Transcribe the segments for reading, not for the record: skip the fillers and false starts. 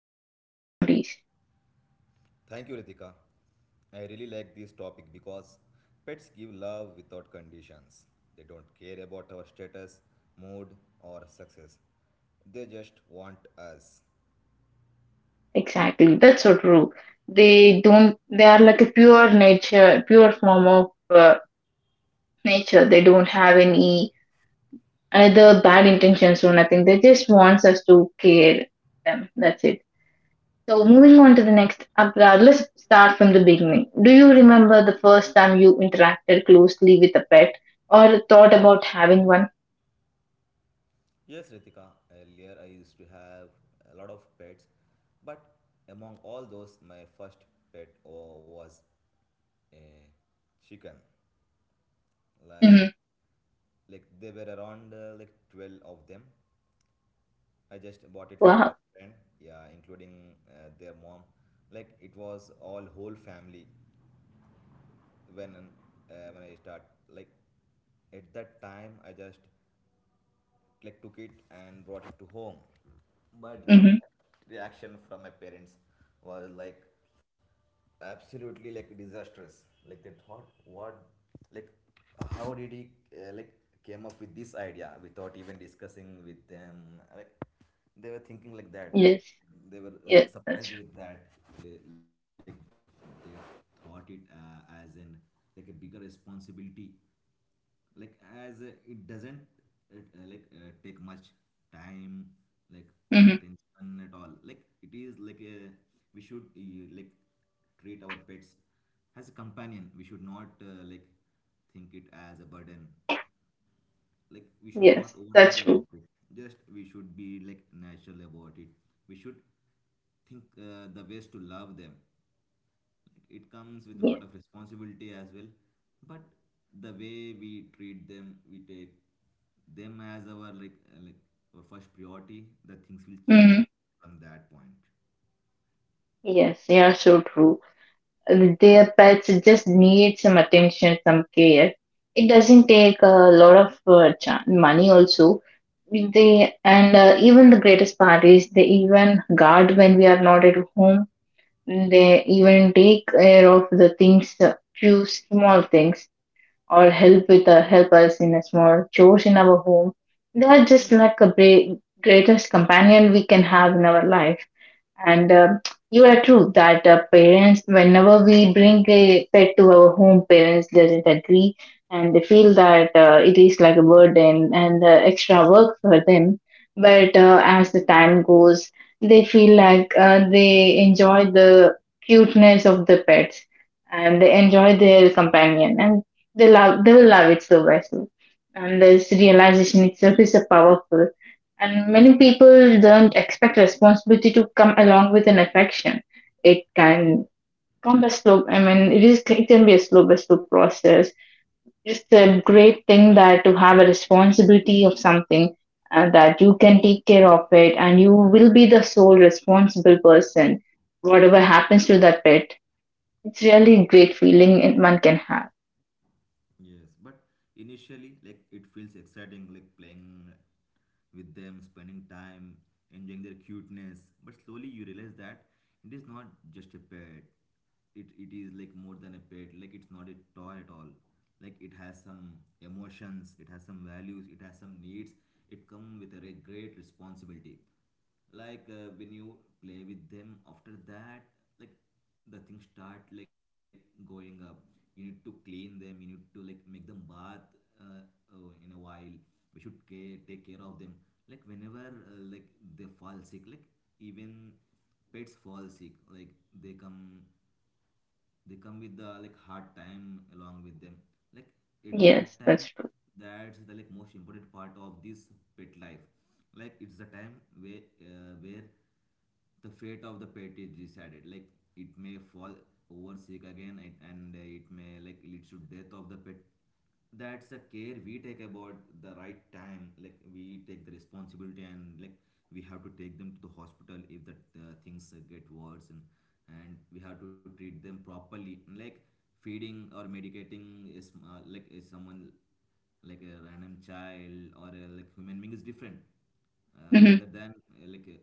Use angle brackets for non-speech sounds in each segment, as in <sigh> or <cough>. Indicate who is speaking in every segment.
Speaker 1: don't always notice.
Speaker 2: Thank you, Ritika. I really like this topic because pets give love without conditions. They don't care about our status, mood, or success. They just want us.
Speaker 1: Exactly. That's so true. They don't, they are like a pure nature, pure form of nature. They don't have any either bad intentions or nothing. They just wants us to care them. That's it. So moving on to the next Abrar, let's start from the beginning. Do you remember the first time you interacted closely with a pet or thought about having one?
Speaker 2: Yes, Ritika, earlier I used to have a lot of pets, but among all those, my first pet was a chicken. Like,
Speaker 1: Hmm.
Speaker 2: like they were around like 12 of them. I just bought it from my
Speaker 1: Wow.
Speaker 2: friend, yeah, including their mom. Like it was all whole family when when I start, like at that time I just like took it and brought it to home. But the
Speaker 1: Hmm.
Speaker 2: first reaction from my parents was like absolutely like disastrous. Like they thought, what, like how did he like came up with this idea without even discussing with them? Like they were thinking like that.
Speaker 1: Yes.
Speaker 2: They were like
Speaker 1: Yes, that's
Speaker 2: surprised
Speaker 1: true.
Speaker 2: with that. They, like they thought it as an like a bigger responsibility, like as it doesn't like take much time like our
Speaker 1: Hmm.
Speaker 2: attention at all. Like it is like we should like treat our pets as a companion. We should not like think it as a burden. Like we should
Speaker 1: Yes,
Speaker 2: not
Speaker 1: that's
Speaker 2: overthink
Speaker 1: true.
Speaker 2: about it, just we should be like natural about it. We should think the ways to love them, like it comes with a
Speaker 1: Yes.
Speaker 2: lot of responsibility as well, but the way we treat them, we take them as our like our first priority, the things will
Speaker 1: Hmm.
Speaker 2: change from that point.
Speaker 1: Yes, yeah, so true. Their pets just need some attention, some care. It doesn't take a lot of money also. They and even the greatest part is they even guard when we are not at home. They even take care of the things, few small things, or help with help us in a small chores in our home. They are just like a greatest companion we can have in our life. And you are true that parents, whenever we bring a pet to our home, parents doesn't agree, and they feel that it is like a burden and extra work for them. But as the time goes, they feel like they enjoy the cuteness of the pets, and they enjoy
Speaker 2: Yeah.
Speaker 1: their companion, and they will love it so much. And this realization itself is a powerful. And many people don't expect responsibility to come along with an affection. It can come a slow. I mean, it is. It can be a slow, but slow process. It's a great thing that to have a responsibility of something that you can take care of it, and you will be the sole responsible person. Whatever happens to that pet, it's really a great feeling and one can have.
Speaker 2: Yes, but initially, like it feels exciting, like playing with them, spending time, enjoying their cuteness. But slowly, you realize that it is not just a pet. It is like more than a pet. Like it's not a toy at all. Like it has some emotions, it has some values, it has some needs. It comes with a great responsibility. Like when you play with them, after that, like the things start like going up. You need to clean them, you need to like make them bath, uh, in a while. We should care, take care of them, like whenever like they fall sick, like even pets fall sick. Like they come they come with the like hard time along with them, like at
Speaker 1: Yes,
Speaker 2: that
Speaker 1: that's
Speaker 2: time,
Speaker 1: true.
Speaker 2: that's the like most important part of this pet life. Like it's the time where the fate of the pet is decided. Like it may fall over sick again, and it may like lead to death of the pet. That's the care we take about the right time, like we take the responsibility and like we have to take them to the hospital if the things get worse, and we have to treat them properly. Like feeding or medicating is like is someone like a random child or a like human being is different
Speaker 1: Hmm.
Speaker 2: rather than like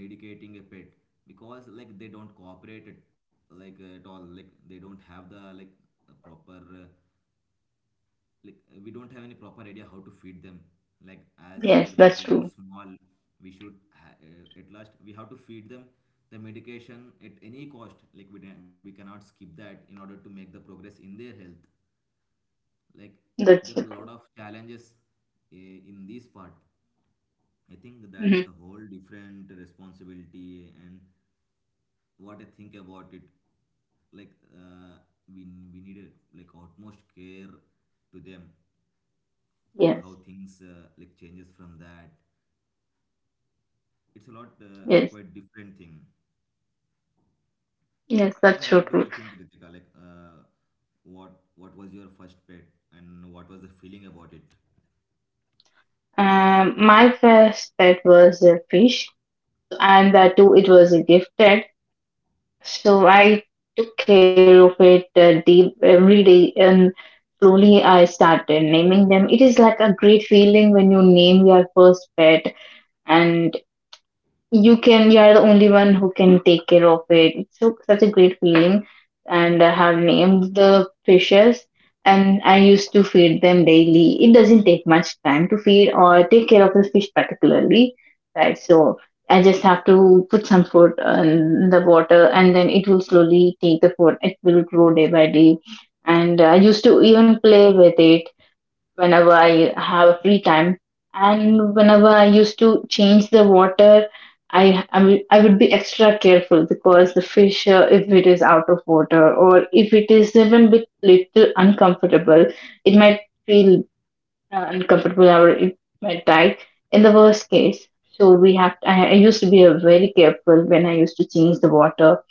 Speaker 2: medicating a pet, because like they don't cooperate at, like at all. Like they don't have the like a proper like we don't have any proper idea how to feed them, like as their
Speaker 1: Yes,
Speaker 2: mouth
Speaker 1: that's
Speaker 2: is very
Speaker 1: true.
Speaker 2: small. At last we have to feed them the medication at any cost, like we cannot skip that in order to make the progress in their health. Like there are a
Speaker 1: That's so
Speaker 2: lot
Speaker 1: true.
Speaker 2: of challenges in this part. I think that's
Speaker 1: Hmm.
Speaker 2: the whole different responsibility, and what I think about it, like we we need a, like utmost care to them. Like how
Speaker 1: Yes,
Speaker 2: things like changes from that, it's a lot
Speaker 1: yes,
Speaker 2: quite different thing.
Speaker 1: yes,
Speaker 2: And
Speaker 1: that's so
Speaker 2: what do
Speaker 1: true.
Speaker 2: you think, Ritika, like what was your first pet and what was the feeling about it?
Speaker 1: My first pet was a fish, and that too it was gifted. So I took care of it deep every day, and slowly I started naming them. It is like a great feeling when you name your first pet, and you are the only one who can take care of it. It's so such a great feeling, and I have named the fishes. And I used to feed them daily. It doesn't take much time to feed or take care of the fish particularly, right? So I just have to put some food in the water, and then it will slowly take the food. It will grow day by day. And I used to even play with it whenever I have free time. And whenever I used to change the water, I would be extra careful because the fish, if it is out of water or if it is even bit little uncomfortable, it might feel uncomfortable or it might die in the worst case. So we have. I used to be very careful when I used to change the water.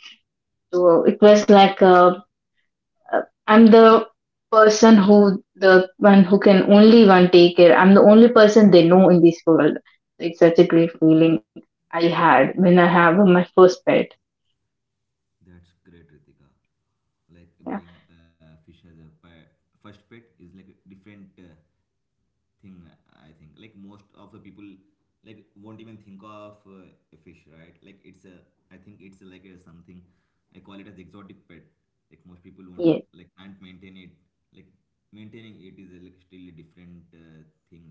Speaker 1: So it was like a I'm the one who can only one take care. I'm the only person they know in this world. It's such a great feeling I had when I have my first pet.
Speaker 2: That's great, Ritika, like
Speaker 1: Yeah.
Speaker 2: being a fish as a pet, first pet is like different thing. I think like most of the people like won't even think of a fish, right? Like it's a, I think it's like a something I call it as exotic pet. Like most people
Speaker 1: Yeah.
Speaker 2: won't like can't maintain it. Like maintaining it is a, like still a different thing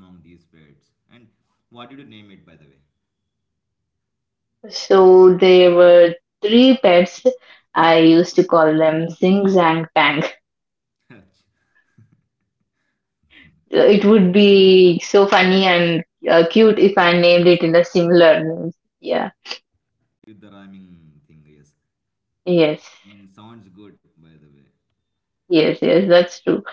Speaker 2: among these pets. And what did you name it by the way?
Speaker 1: So there were three pets. I used to call them Zing Zang Tang. It would be so funny and cute if I named
Speaker 2: <laughs> Yes,
Speaker 1: it in a similar name. Yeah.
Speaker 2: with the rhyming thing, yes. it,
Speaker 1: Yes.
Speaker 2: it sounds good by the way.
Speaker 1: Yes. Yes. That's true.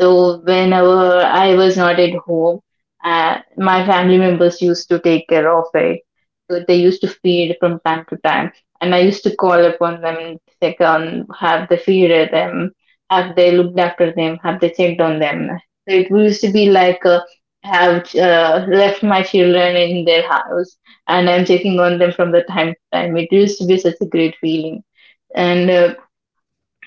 Speaker 1: So whenever I was not at home, my family members used to take care of it. So they used to feed from time to time, and I used to call upon them and check on have they feeded them, have they looked after them, have they checked on them. So it used to be like have left my children in their house, and I'm checking on them from the time to time. It used to be such a great feeling, and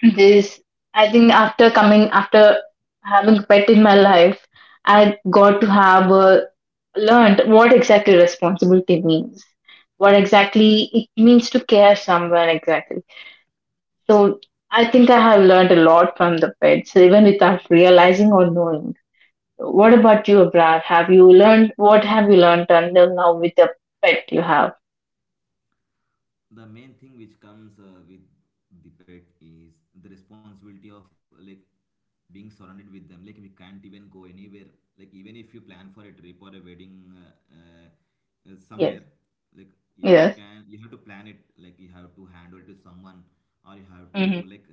Speaker 1: this, I think, after having pet in my life, I got to have learned what exactly responsibility means, what exactly it means to care someone exactly. So I think I have learned a lot from the pets, even without realizing or knowing. What about you, Abrar? Have you learned What have you learned until now with the pet you have?
Speaker 2: The main thing which comes with the pet is the responsibility of like being surrounded with them. Like we can't even go anywhere, like even if you plan for a trip or a wedding
Speaker 1: Yes.
Speaker 2: somewhere, like yeah, you
Speaker 1: Yes.
Speaker 2: can, you have to plan it, like you have to hand it to someone, or you have to
Speaker 1: Mm-hmm.
Speaker 2: like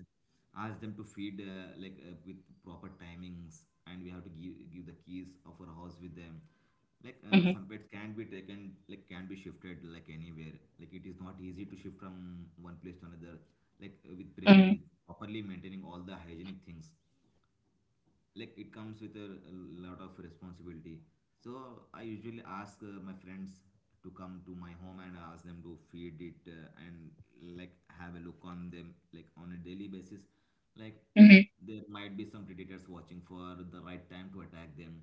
Speaker 2: ask them to feed like with proper timings, and we have to give the keys of our house with them. Like
Speaker 1: Mm-hmm.
Speaker 2: some pets can be taken, like can be shifted like anywhere, like it is not easy to shift from one place to another, like with properly maintaining all the hygienic things. Like it comes with a, lot of responsibility. So I usually ask my friends to come to my home and ask them to feed it and like have a look on them like on a daily basis. Like
Speaker 1: Mm-hmm.
Speaker 2: there might be some predators watching for the right time to attack them.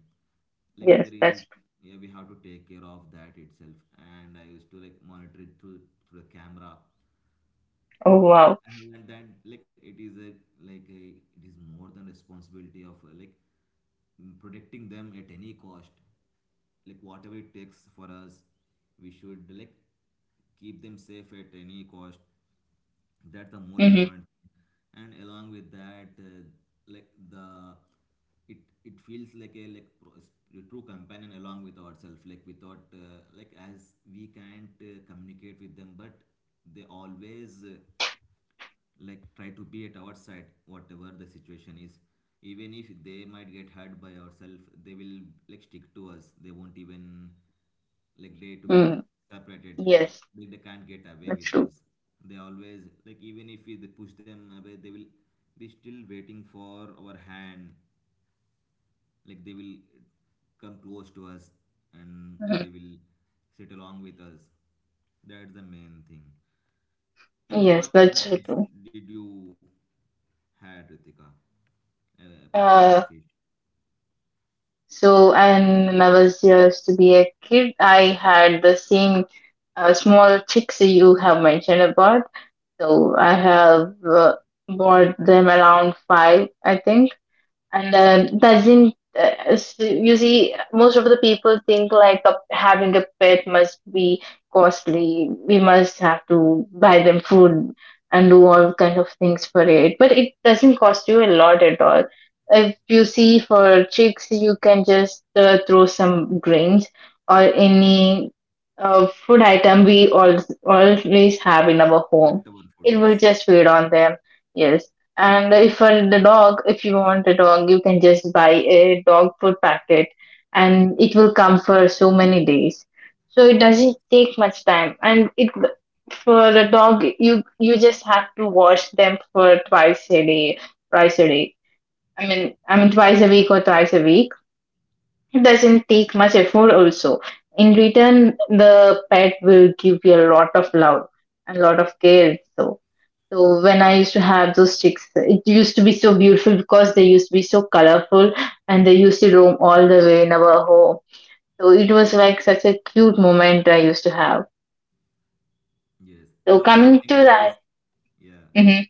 Speaker 2: Like
Speaker 1: Yes,
Speaker 2: there is,
Speaker 1: that's.
Speaker 2: yeah, we have to take care of that itself. And I used to like monitor it through the camera,
Speaker 1: Oh wow.
Speaker 2: and like that, like it is a like a, it is more than responsibility of like protecting them at any cost. Like whatever it takes for us, we should like keep them safe at any cost. That's the most
Speaker 1: Mm-hmm.
Speaker 2: important thing. And along with that like the, it it feels like a like a true companion along with ourselves. Like without like as we can't communicate with them, but they always like try to be at our side whatever the situation is. Even if they might get hurt by ourselves, they will like stick to us. They won't even like they to get
Speaker 1: Mm.
Speaker 2: separated, like
Speaker 1: Yes,
Speaker 2: they can't get away
Speaker 1: that's
Speaker 2: with
Speaker 1: true.
Speaker 2: us. They always like, even if we they push them away, they will be still waiting for our hand. Like they will come close to us, and
Speaker 1: Mhm.
Speaker 2: they will sit along with us. That's the main thing. And
Speaker 1: Yes,
Speaker 2: what
Speaker 1: that's
Speaker 2: other
Speaker 1: so
Speaker 2: pets
Speaker 1: true.
Speaker 2: did you had, Ritika, apart from that
Speaker 1: Uh,
Speaker 2: fish?
Speaker 1: so, and when I was used to be a kid, I had the same small chicks you have mentioned about. So, I have bought them around five, I think. And doesn't s- You see most of the people think like a, having a pet must be costly. We must have to buy them food and do all kind of things for it, but it doesn't cost you a lot at all. If you see, for chicks you can just throw some grains or any food item we all always have in our home.
Speaker 2: Leftover food,
Speaker 1: It will
Speaker 2: yes.
Speaker 1: just feed on them, yes. And if you want a dog, you can just buy a dog food packet, and it will come for so many days. So it
Speaker 2: Yes.
Speaker 1: doesn't take much time. And it for a dog, you just have to wash them for twice a day, twice a day. I mean, twice a week or twice a week. It doesn't take much effort also. In return, the pet will give you a lot of love and a lot of care. So when I used to have those sticks, it used to be so beautiful because they used to be so colorful, and they used to roam all the way in our home. So it was like such a cute moment I used to have.
Speaker 2: Yes.
Speaker 1: So
Speaker 2: The only
Speaker 1: coming to
Speaker 2: thing with
Speaker 1: that,
Speaker 2: this, yeah.
Speaker 1: Hmm.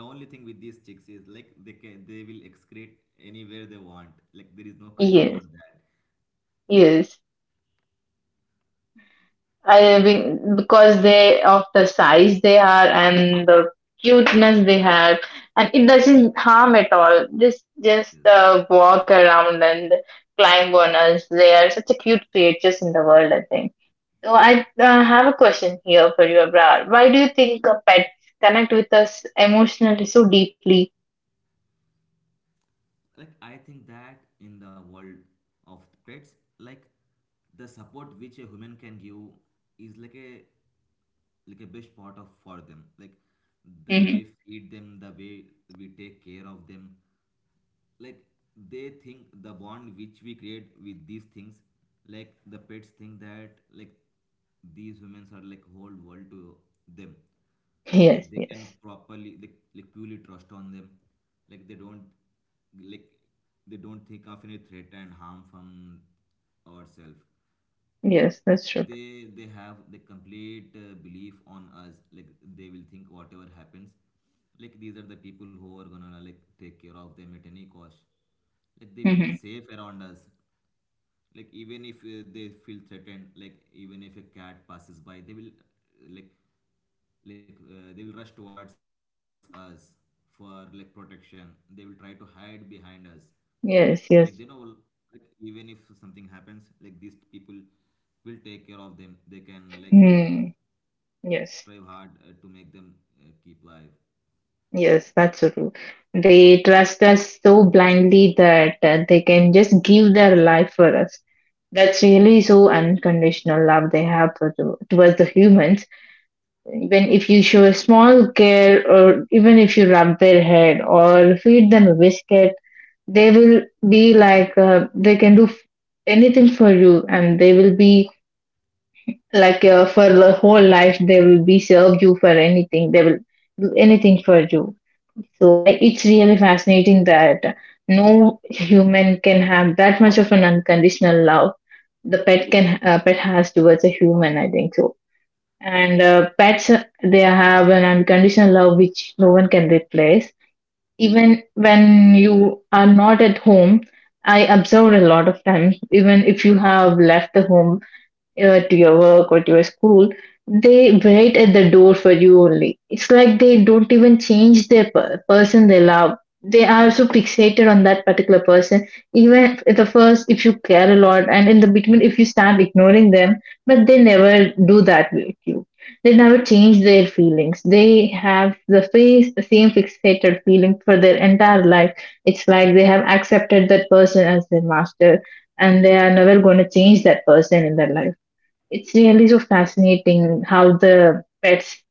Speaker 2: The only thing with these chicks is like they will excrete anywhere they want. Like there is no control
Speaker 1: Yes,
Speaker 2: over that.
Speaker 1: yes, I think because they of the size they are and the cuteness they have, and it doesn't harm at all. Just just
Speaker 2: Yes.
Speaker 1: uh, walk around and climb on us. They are such a cute creatures in the world. I think. So I have a question here for you, Abrar. Why do you think pets connect with us emotionally so deeply?
Speaker 2: Like I think that in the world of the pets, like the support which a human can give is like a best part of for them. Like the
Speaker 1: Hmm.
Speaker 2: way we feed them, the way we take care of them, like they think the bond which we create with these things, like the pets think that like these women are like whole world to them.
Speaker 1: Yes,
Speaker 2: Like they can
Speaker 1: yes,
Speaker 2: properly like purely trust on them. Like they don't, like they don't think of any threat and harm from ourselves. Like
Speaker 1: yes, that's true.
Speaker 2: they have the complete belief on us. Like they will think whatever happens, like these are the people who are gonna like take care of them at any cost. Like they feel
Speaker 1: Hmm.
Speaker 2: safe around us, like even if they feel threatened, like even if a cat passes by, they will like they will rush towards us for like protection. They will try to hide behind us. Like they know,
Speaker 1: Yes, yes.
Speaker 2: like even if something happens, like these people will take care of them. They can like
Speaker 1: Hmm.
Speaker 2: strive
Speaker 1: Yes,
Speaker 2: hard to make them keep alive.
Speaker 1: yes, that's so true. They trust us so blindly that they can just give their life for us. That's really so unconditional love they have for towards the humans. When if you show small care or even if you rub their head or feed them a biscuit, they will be like they can do anything for you, and they will be like for the whole life they will be serve you for anything. They will do anything for you. So it's really fascinating that no human can have that much of an unconditional love the pet has towards a human. I think so. And pets, they have an unconditional love which no one can replace. Even when you are not at home, I observed a lot of times, even if you have left the home to your work or to your school, they wait at the door for you only. It's like they don't even change their person they love. They are so fixated on that particular person. Even at the first, if you care a lot, and in the between, if you start ignoring them, but they never do that with you. They never change their feelings. They have the same fixated feeling for their entire life. It's like they have accepted that person as their master, and they are never going to change that person in their life. It's really so fascinating how the pets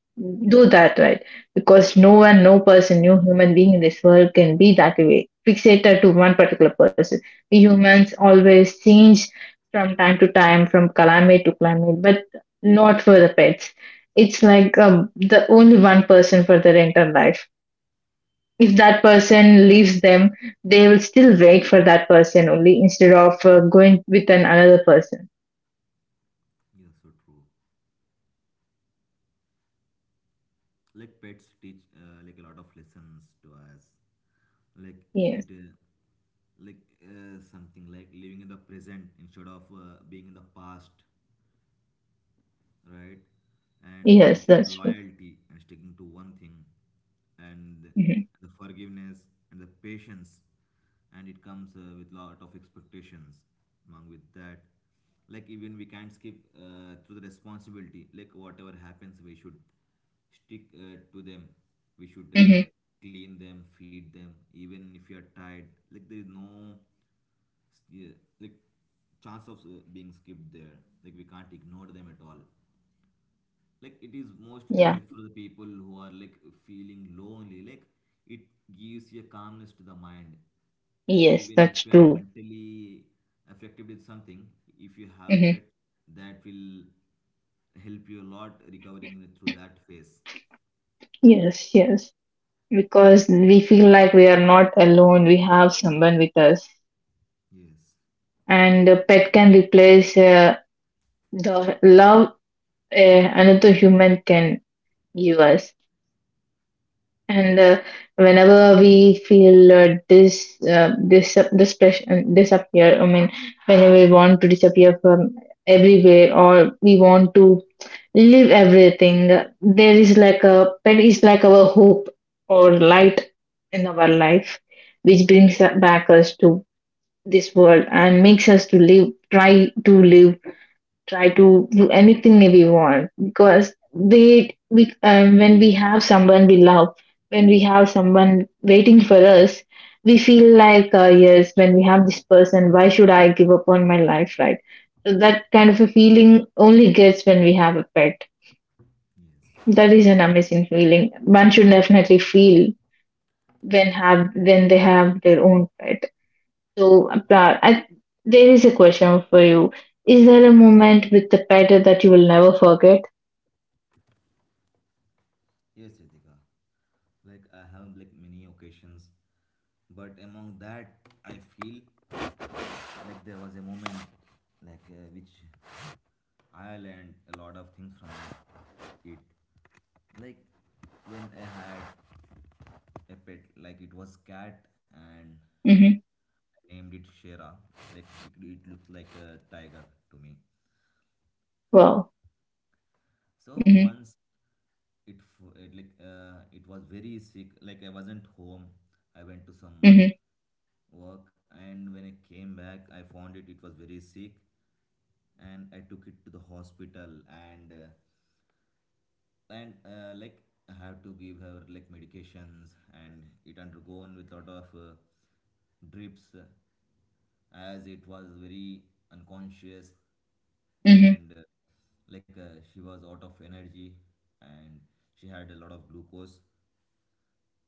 Speaker 1: do that, right? Because no one, no person, no human being in this world can be that way, fixated to one particular person. We humans always change from time to time, from climate to climate, but not for the pets. It's like the only one person for their entire life. If that person leaves them, they will still wait for that person only instead of going with an another person.
Speaker 2: Yeah, so true. Like pets teach like a lot of lessons to us. Like it
Speaker 1: Yes,
Speaker 2: like something like living in the present instead of being in the past, right? And they teach
Speaker 1: yes,
Speaker 2: us
Speaker 1: that's true.
Speaker 2: loyalty and sticking to one thing, and
Speaker 1: Mm-hmm.
Speaker 2: the forgiveness and the patience, and it comes with lot of expectations. Along with that, like even we can't skip through the responsibility. Like whatever happens, we should stick to them. We should
Speaker 1: Mm-hmm.
Speaker 2: clean them, feed them, even if you are tired. Like there is no, yeah, like chance of being skipped there, like we can't ignore them at all. Like it is mostly
Speaker 1: Yeah.
Speaker 2: helpful to the people who are like feeling lonely, like it gives you a calmness to the mind
Speaker 1: Yes,
Speaker 2: even if
Speaker 1: that's
Speaker 2: you are
Speaker 1: true.
Speaker 2: mentally affected with something. If you have
Speaker 1: Mm-hmm.
Speaker 2: pet, that will help you a lot recovering through that phase.
Speaker 1: Yes, yes. Because we feel like we are not alone, we have someone with us.
Speaker 2: yes
Speaker 1: And a pet can replace the love another human can give us. And whenever we feel this pressure disappear, I mean, whenever we want to disappear from everywhere, or we want to leave everything. There is like a pet is like our hope or light in our life, which brings back us to this world and makes us to live, try to live, try to do anything that we want. Because when we have someone we love, when we have someone waiting for us, we feel like yes, when we have this person, why should I give up on my life, right? So that kind of a feeling only gets when we have a pet.
Speaker 2: yes
Speaker 1: That is an amazing feeling. One should definitely feel when they have their own pet. So, there is a question for you. Is there a moment with the pet that you will never forget?
Speaker 2: yes, Ritika. Like I have like many occasions, but among that I feel like there was a moment, like which I learned a lot of things from it. Like when I had a pet, like it was cat, and
Speaker 1: Mm-hmm.
Speaker 2: I named it Shera. Like it looked like a tiger to me.
Speaker 1: Wow. Mm-hmm.
Speaker 2: So once it it was very sick. Like I wasn't home, I went to some
Speaker 1: Mm-hmm.
Speaker 2: work, and when I came back I found it was very sick, and I took it to the hospital, and uh, and like I have to give her like medications, and it undergone with lot of drips, as it was very unconscious.
Speaker 1: Mm-hmm.
Speaker 2: And like She was out of energy, and she had a lot of glucose,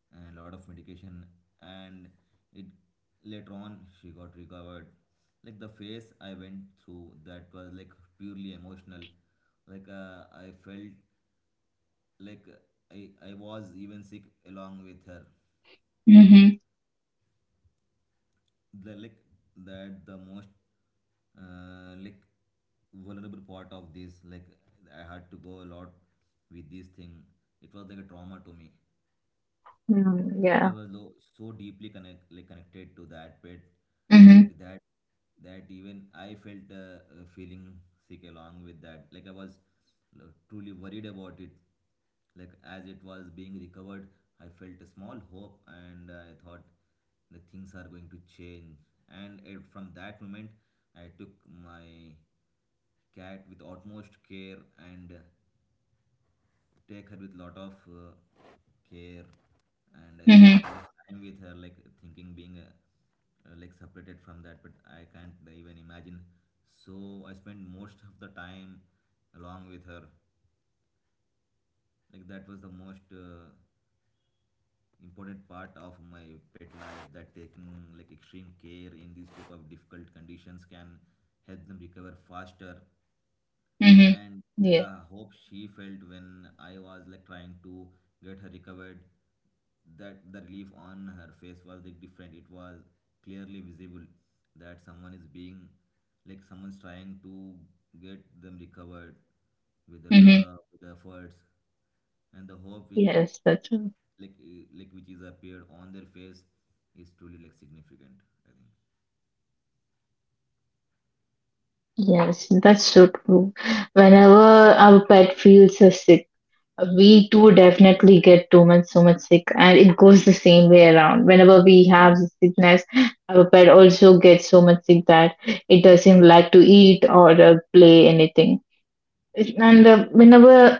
Speaker 2: a lot of medication, and it later on she got recovered. Like the phase I went through, that was like purely emotional. Like I felt like I was even sick along with her.
Speaker 1: Mm-hmm.
Speaker 2: The, like that the most like vulnerable part of this, like I had to go a lot with this thing, it was like a trauma to me.
Speaker 1: Mm,
Speaker 2: Like I
Speaker 1: yeah.
Speaker 2: was so deeply connected to that pet, like
Speaker 1: Mm-hmm.
Speaker 2: that, that even I felt feeling sick along with that. Like I was truly worried about it. Like as it was being recovered, I felt a small hope, and I thought the things are going to change. And from that moment I took my cat with utmost care, and take her with lot of care. And I spent a
Speaker 1: Mm-hmm.
Speaker 2: lot of time with her, like thinking being like separated from that, but I can't even imagine. So I spent most of the time along with her. Like that was the most important part of my pet life, that taking like extreme care in these type of difficult conditions can help them recover faster.
Speaker 1: Mm-hmm.
Speaker 2: And the
Speaker 1: Yeah.
Speaker 2: hope she felt when I was like trying to get her recovered, that the relief on her face was like different. It was clearly visible that someone is being like someone's trying to get them recovered with the
Speaker 1: Mm-hmm.
Speaker 2: love, with the efforts, and the hope which
Speaker 1: Yes, that's true.
Speaker 2: like which is appeared on their face is truly like significant, I think.
Speaker 1: Yes, that's so true. Whenever our pet feels sick, we too definitely get too much so much sick, and it goes the same way around. Whenever we have sickness, our pet also gets so much sick that it doesn't like to eat or play anything. And whenever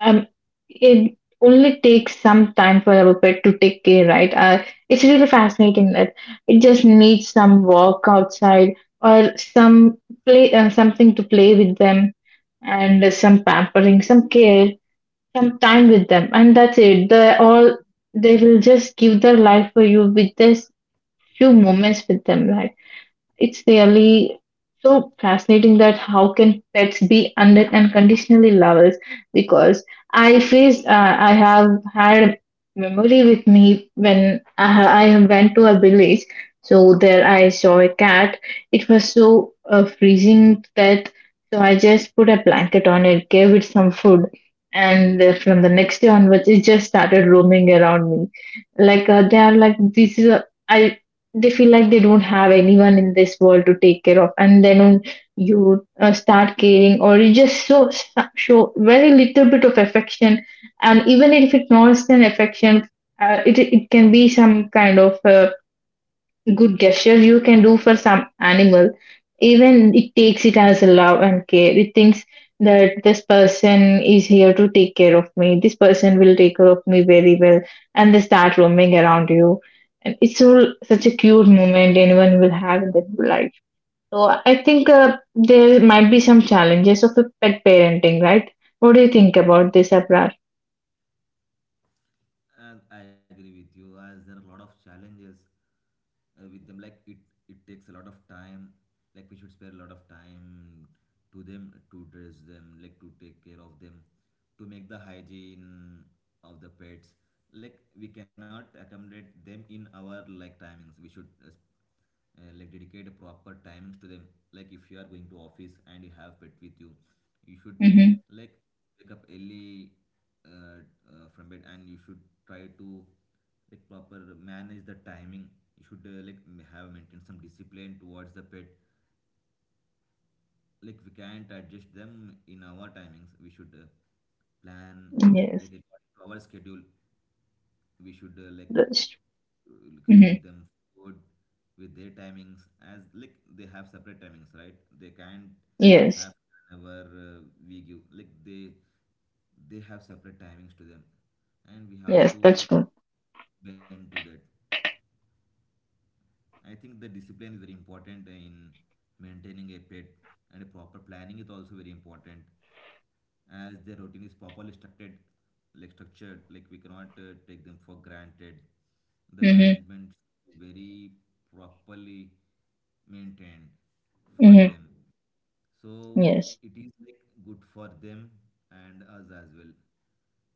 Speaker 1: um, it only takes some time for our pet to take care, right? It's really fascinating that it just needs some walk outside or some play, something to play with them, and some pampering, some care, some time with them, and that's it. They all, they will just give their life for you with this few moments with them. Like, it's really so fascinating that how can pets be under unconditionally lovers? Because I faced, I have had memory with me when I went to a village. So there I saw a cat. It was so freezing that so I just put a blanket on it, gave it some food, and from the next day onwards, it just started roaming around me. Like they are like this is a I they feel like they don't have anyone in this world to take care of, and then on you start caring, or you just so show very little bit of affection. And even if it's not an affection, it can be some kind of good gestures you can do for some animal, even it takes it as a love and care. It thinks that this person is here to take care of me. This person will take care of me very well, and they start roaming around you. And it's all such a cute moment anyone will have in their life. So I think there might be some challenges of a pet parenting, right? What do you think about this, Abrar?
Speaker 2: And I agree with you, as there are a lot of challenges with them. Like it takes a lot of time. Like we should spare a lot of time to them, to dress them, like to take care of them, to make the hygiene of the pets. Like we cannot accommodate them in our like timings. We should like dedicate a proper timings to them. Like if you are going to office and you have pet with you, you should
Speaker 1: Mm-hmm.
Speaker 2: like wake up early, uh, from bed, and you should try to like proper manage the timing. You should like have maintained some discipline towards the pet. Like we can't adjust them in our timings, we should plan like
Speaker 1: Yes,
Speaker 2: according to our schedule. We should
Speaker 1: that's true.
Speaker 2: like
Speaker 1: Mm-hmm.
Speaker 2: feed them food with their timings, as like they have separate timings, right? They can't
Speaker 1: Yes,
Speaker 2: have whenever we give, like they have separate timings to them, and we
Speaker 1: yes,
Speaker 2: have to
Speaker 1: that's
Speaker 2: like
Speaker 1: true.
Speaker 2: bend to that. I think the discipline is very important in maintaining a pet, and a proper planning is also very important, as their routine is properly structured, like we cannot take them for granted. The
Speaker 1: Mm-hmm.
Speaker 2: management very properly maintained for
Speaker 1: Mm-hmm.
Speaker 2: them. So
Speaker 1: Yes.
Speaker 2: it is like good for them and us as well.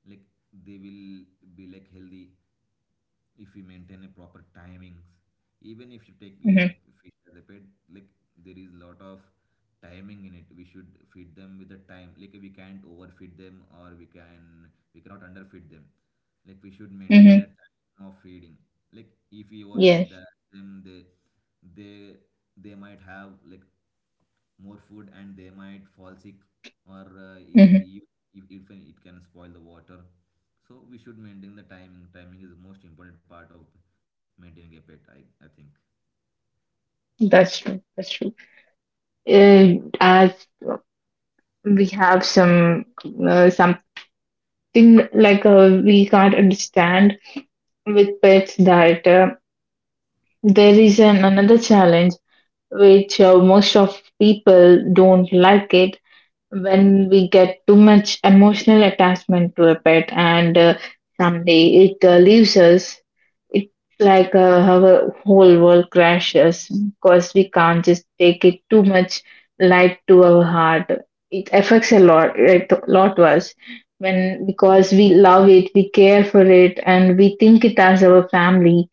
Speaker 2: Like they will be like healthy if you maintain a proper timings. Even if you take a
Speaker 1: Mm-hmm.
Speaker 2: fish as a pet, like there is lot of timing in it. We should feed them with the time. Like we can't overfeed them, or we can we cannot underfeed them. Like we should maintain the
Speaker 1: Mm-hmm.
Speaker 2: time of feeding. Like if we
Speaker 1: Yes.
Speaker 2: overfeed them, they they might have like more food and they might fall sick, or
Speaker 1: Mm-hmm.
Speaker 2: we if it can spoil the water. So we should maintain the timing is the most important part of maintaining a pet, I think.
Speaker 1: That's true. That's true. As we have some something like we can't understand with pets that there is an, another challenge which most of people don't like it when we get too much emotional attachment to a pet, and someday it leaves us, it's like our whole world crashes because we can't just take it too much light to our heart. It affects a lot, it lot to us, when because we love it, we care for it, and we think it as our family,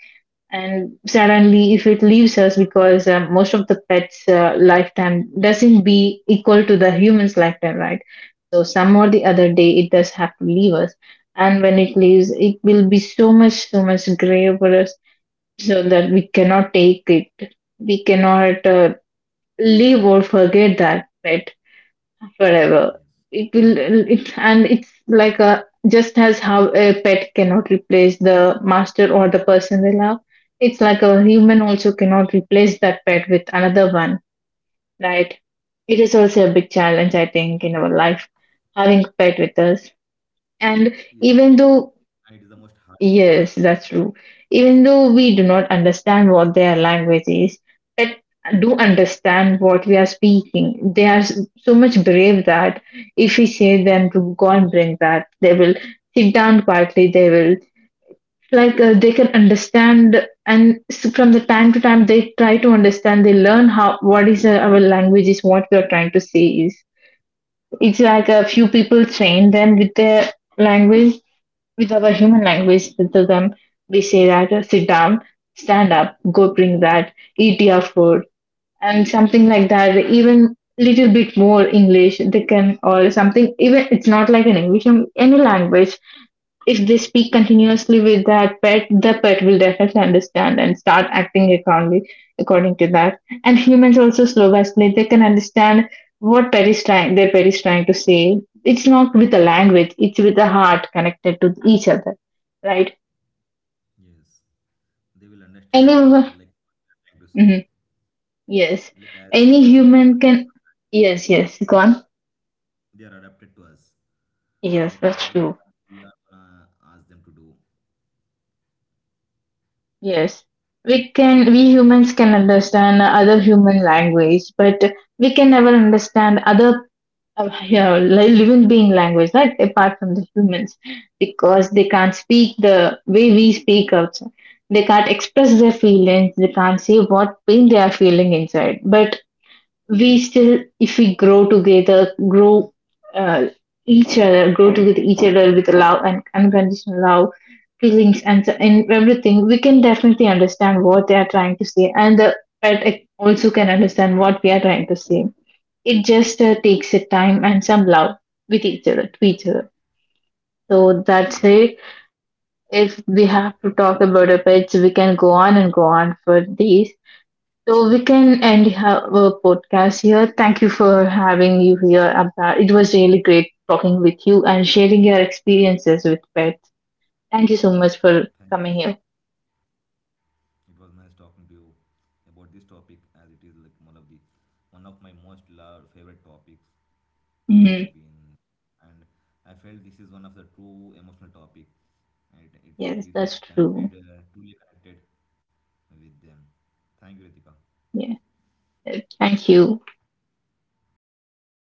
Speaker 1: and suddenly if it leaves us, because most of the pets lifetime doesn't be equal to the human's lifetime, right? So some or the other day it does have to leave us, and when it leaves it will be so much grave for us, so that we cannot take it, we cannot leave or forget that pet
Speaker 2: Yes.
Speaker 1: forever. It will, and it's like a just as how a pet cannot replace the master or the person they love, it's like a human also cannot replace that pet with another one, right? It is also a big challenge, I think, in our life, having a pet with
Speaker 2: Yes,
Speaker 1: us.
Speaker 2: and it
Speaker 1: And
Speaker 2: is the most
Speaker 1: even
Speaker 2: hardest
Speaker 1: though
Speaker 2: part.
Speaker 1: Yes, that's true. Even though we do not understand what their language is, but do understand what we are speaking. They are so much brave that if we say them to go and bring that, they will sit down quietly. They will like they can understand, and from the time to time they try to understand. They learn how what is our language is, what we are trying to say is. It's like a few people train them with their language, with our human language. To them, we say that sit down, stand up, go bring that, eat your food, and something like that. Even little bit more English they can or something. Even it's not like an English, any language, if they speak continuously with that pet, the pet will definitely understand and start acting accordingly according to that. And humans also slow by slow, they can understand what pet is trying their pet is trying to say. It's not with the language, it's with the heart connected to each other. Right?
Speaker 2: Yes, they will understand your
Speaker 1: Any
Speaker 2: gesture, like what you are trying to say,
Speaker 1: Hmm. Yes.
Speaker 2: like as they've been
Speaker 1: Any
Speaker 2: along with,
Speaker 1: human can yes, yes, go on.
Speaker 2: they are adapted to us, like
Speaker 1: Yes,
Speaker 2: they know
Speaker 1: that's
Speaker 2: what
Speaker 1: true.
Speaker 2: we are gonna ask them to do.
Speaker 1: Yes. We humans can understand other human language, but we can never understand other yeah, like living being language, right? Apart from the humans, because they can't speak the way we speak outside. They can't express their feelings. They can't say what pain they are feeling inside. But we still, if we grow together, grow uh, each other, grow together each other with love and unconditional love, feelings and and everything, we can definitely understand what they are trying to say, and the pet also can understand what we are trying to say. It just takes a time and some love with each other, to each other.
Speaker 2: Yes,
Speaker 1: So that's it. If we have to talk about our pets we can go on and go on for these, so we can end our podcast here. Thank you for having you here, Abdar. It was really great talking with you and sharing your experiences with pets. Thank you so much
Speaker 2: thank,
Speaker 1: for coming here.
Speaker 2: it was nice talking to you about this topic, as it is like one of my most loved favorite topics I've
Speaker 1: Mhm.
Speaker 2: been. And I felt this is one of the true emotional topic, and it is
Speaker 1: Yes,
Speaker 2: like
Speaker 1: that's
Speaker 2: connected,
Speaker 1: true.
Speaker 2: truly connected with them. Thank you, Ritika.
Speaker 1: Yeah, thank you.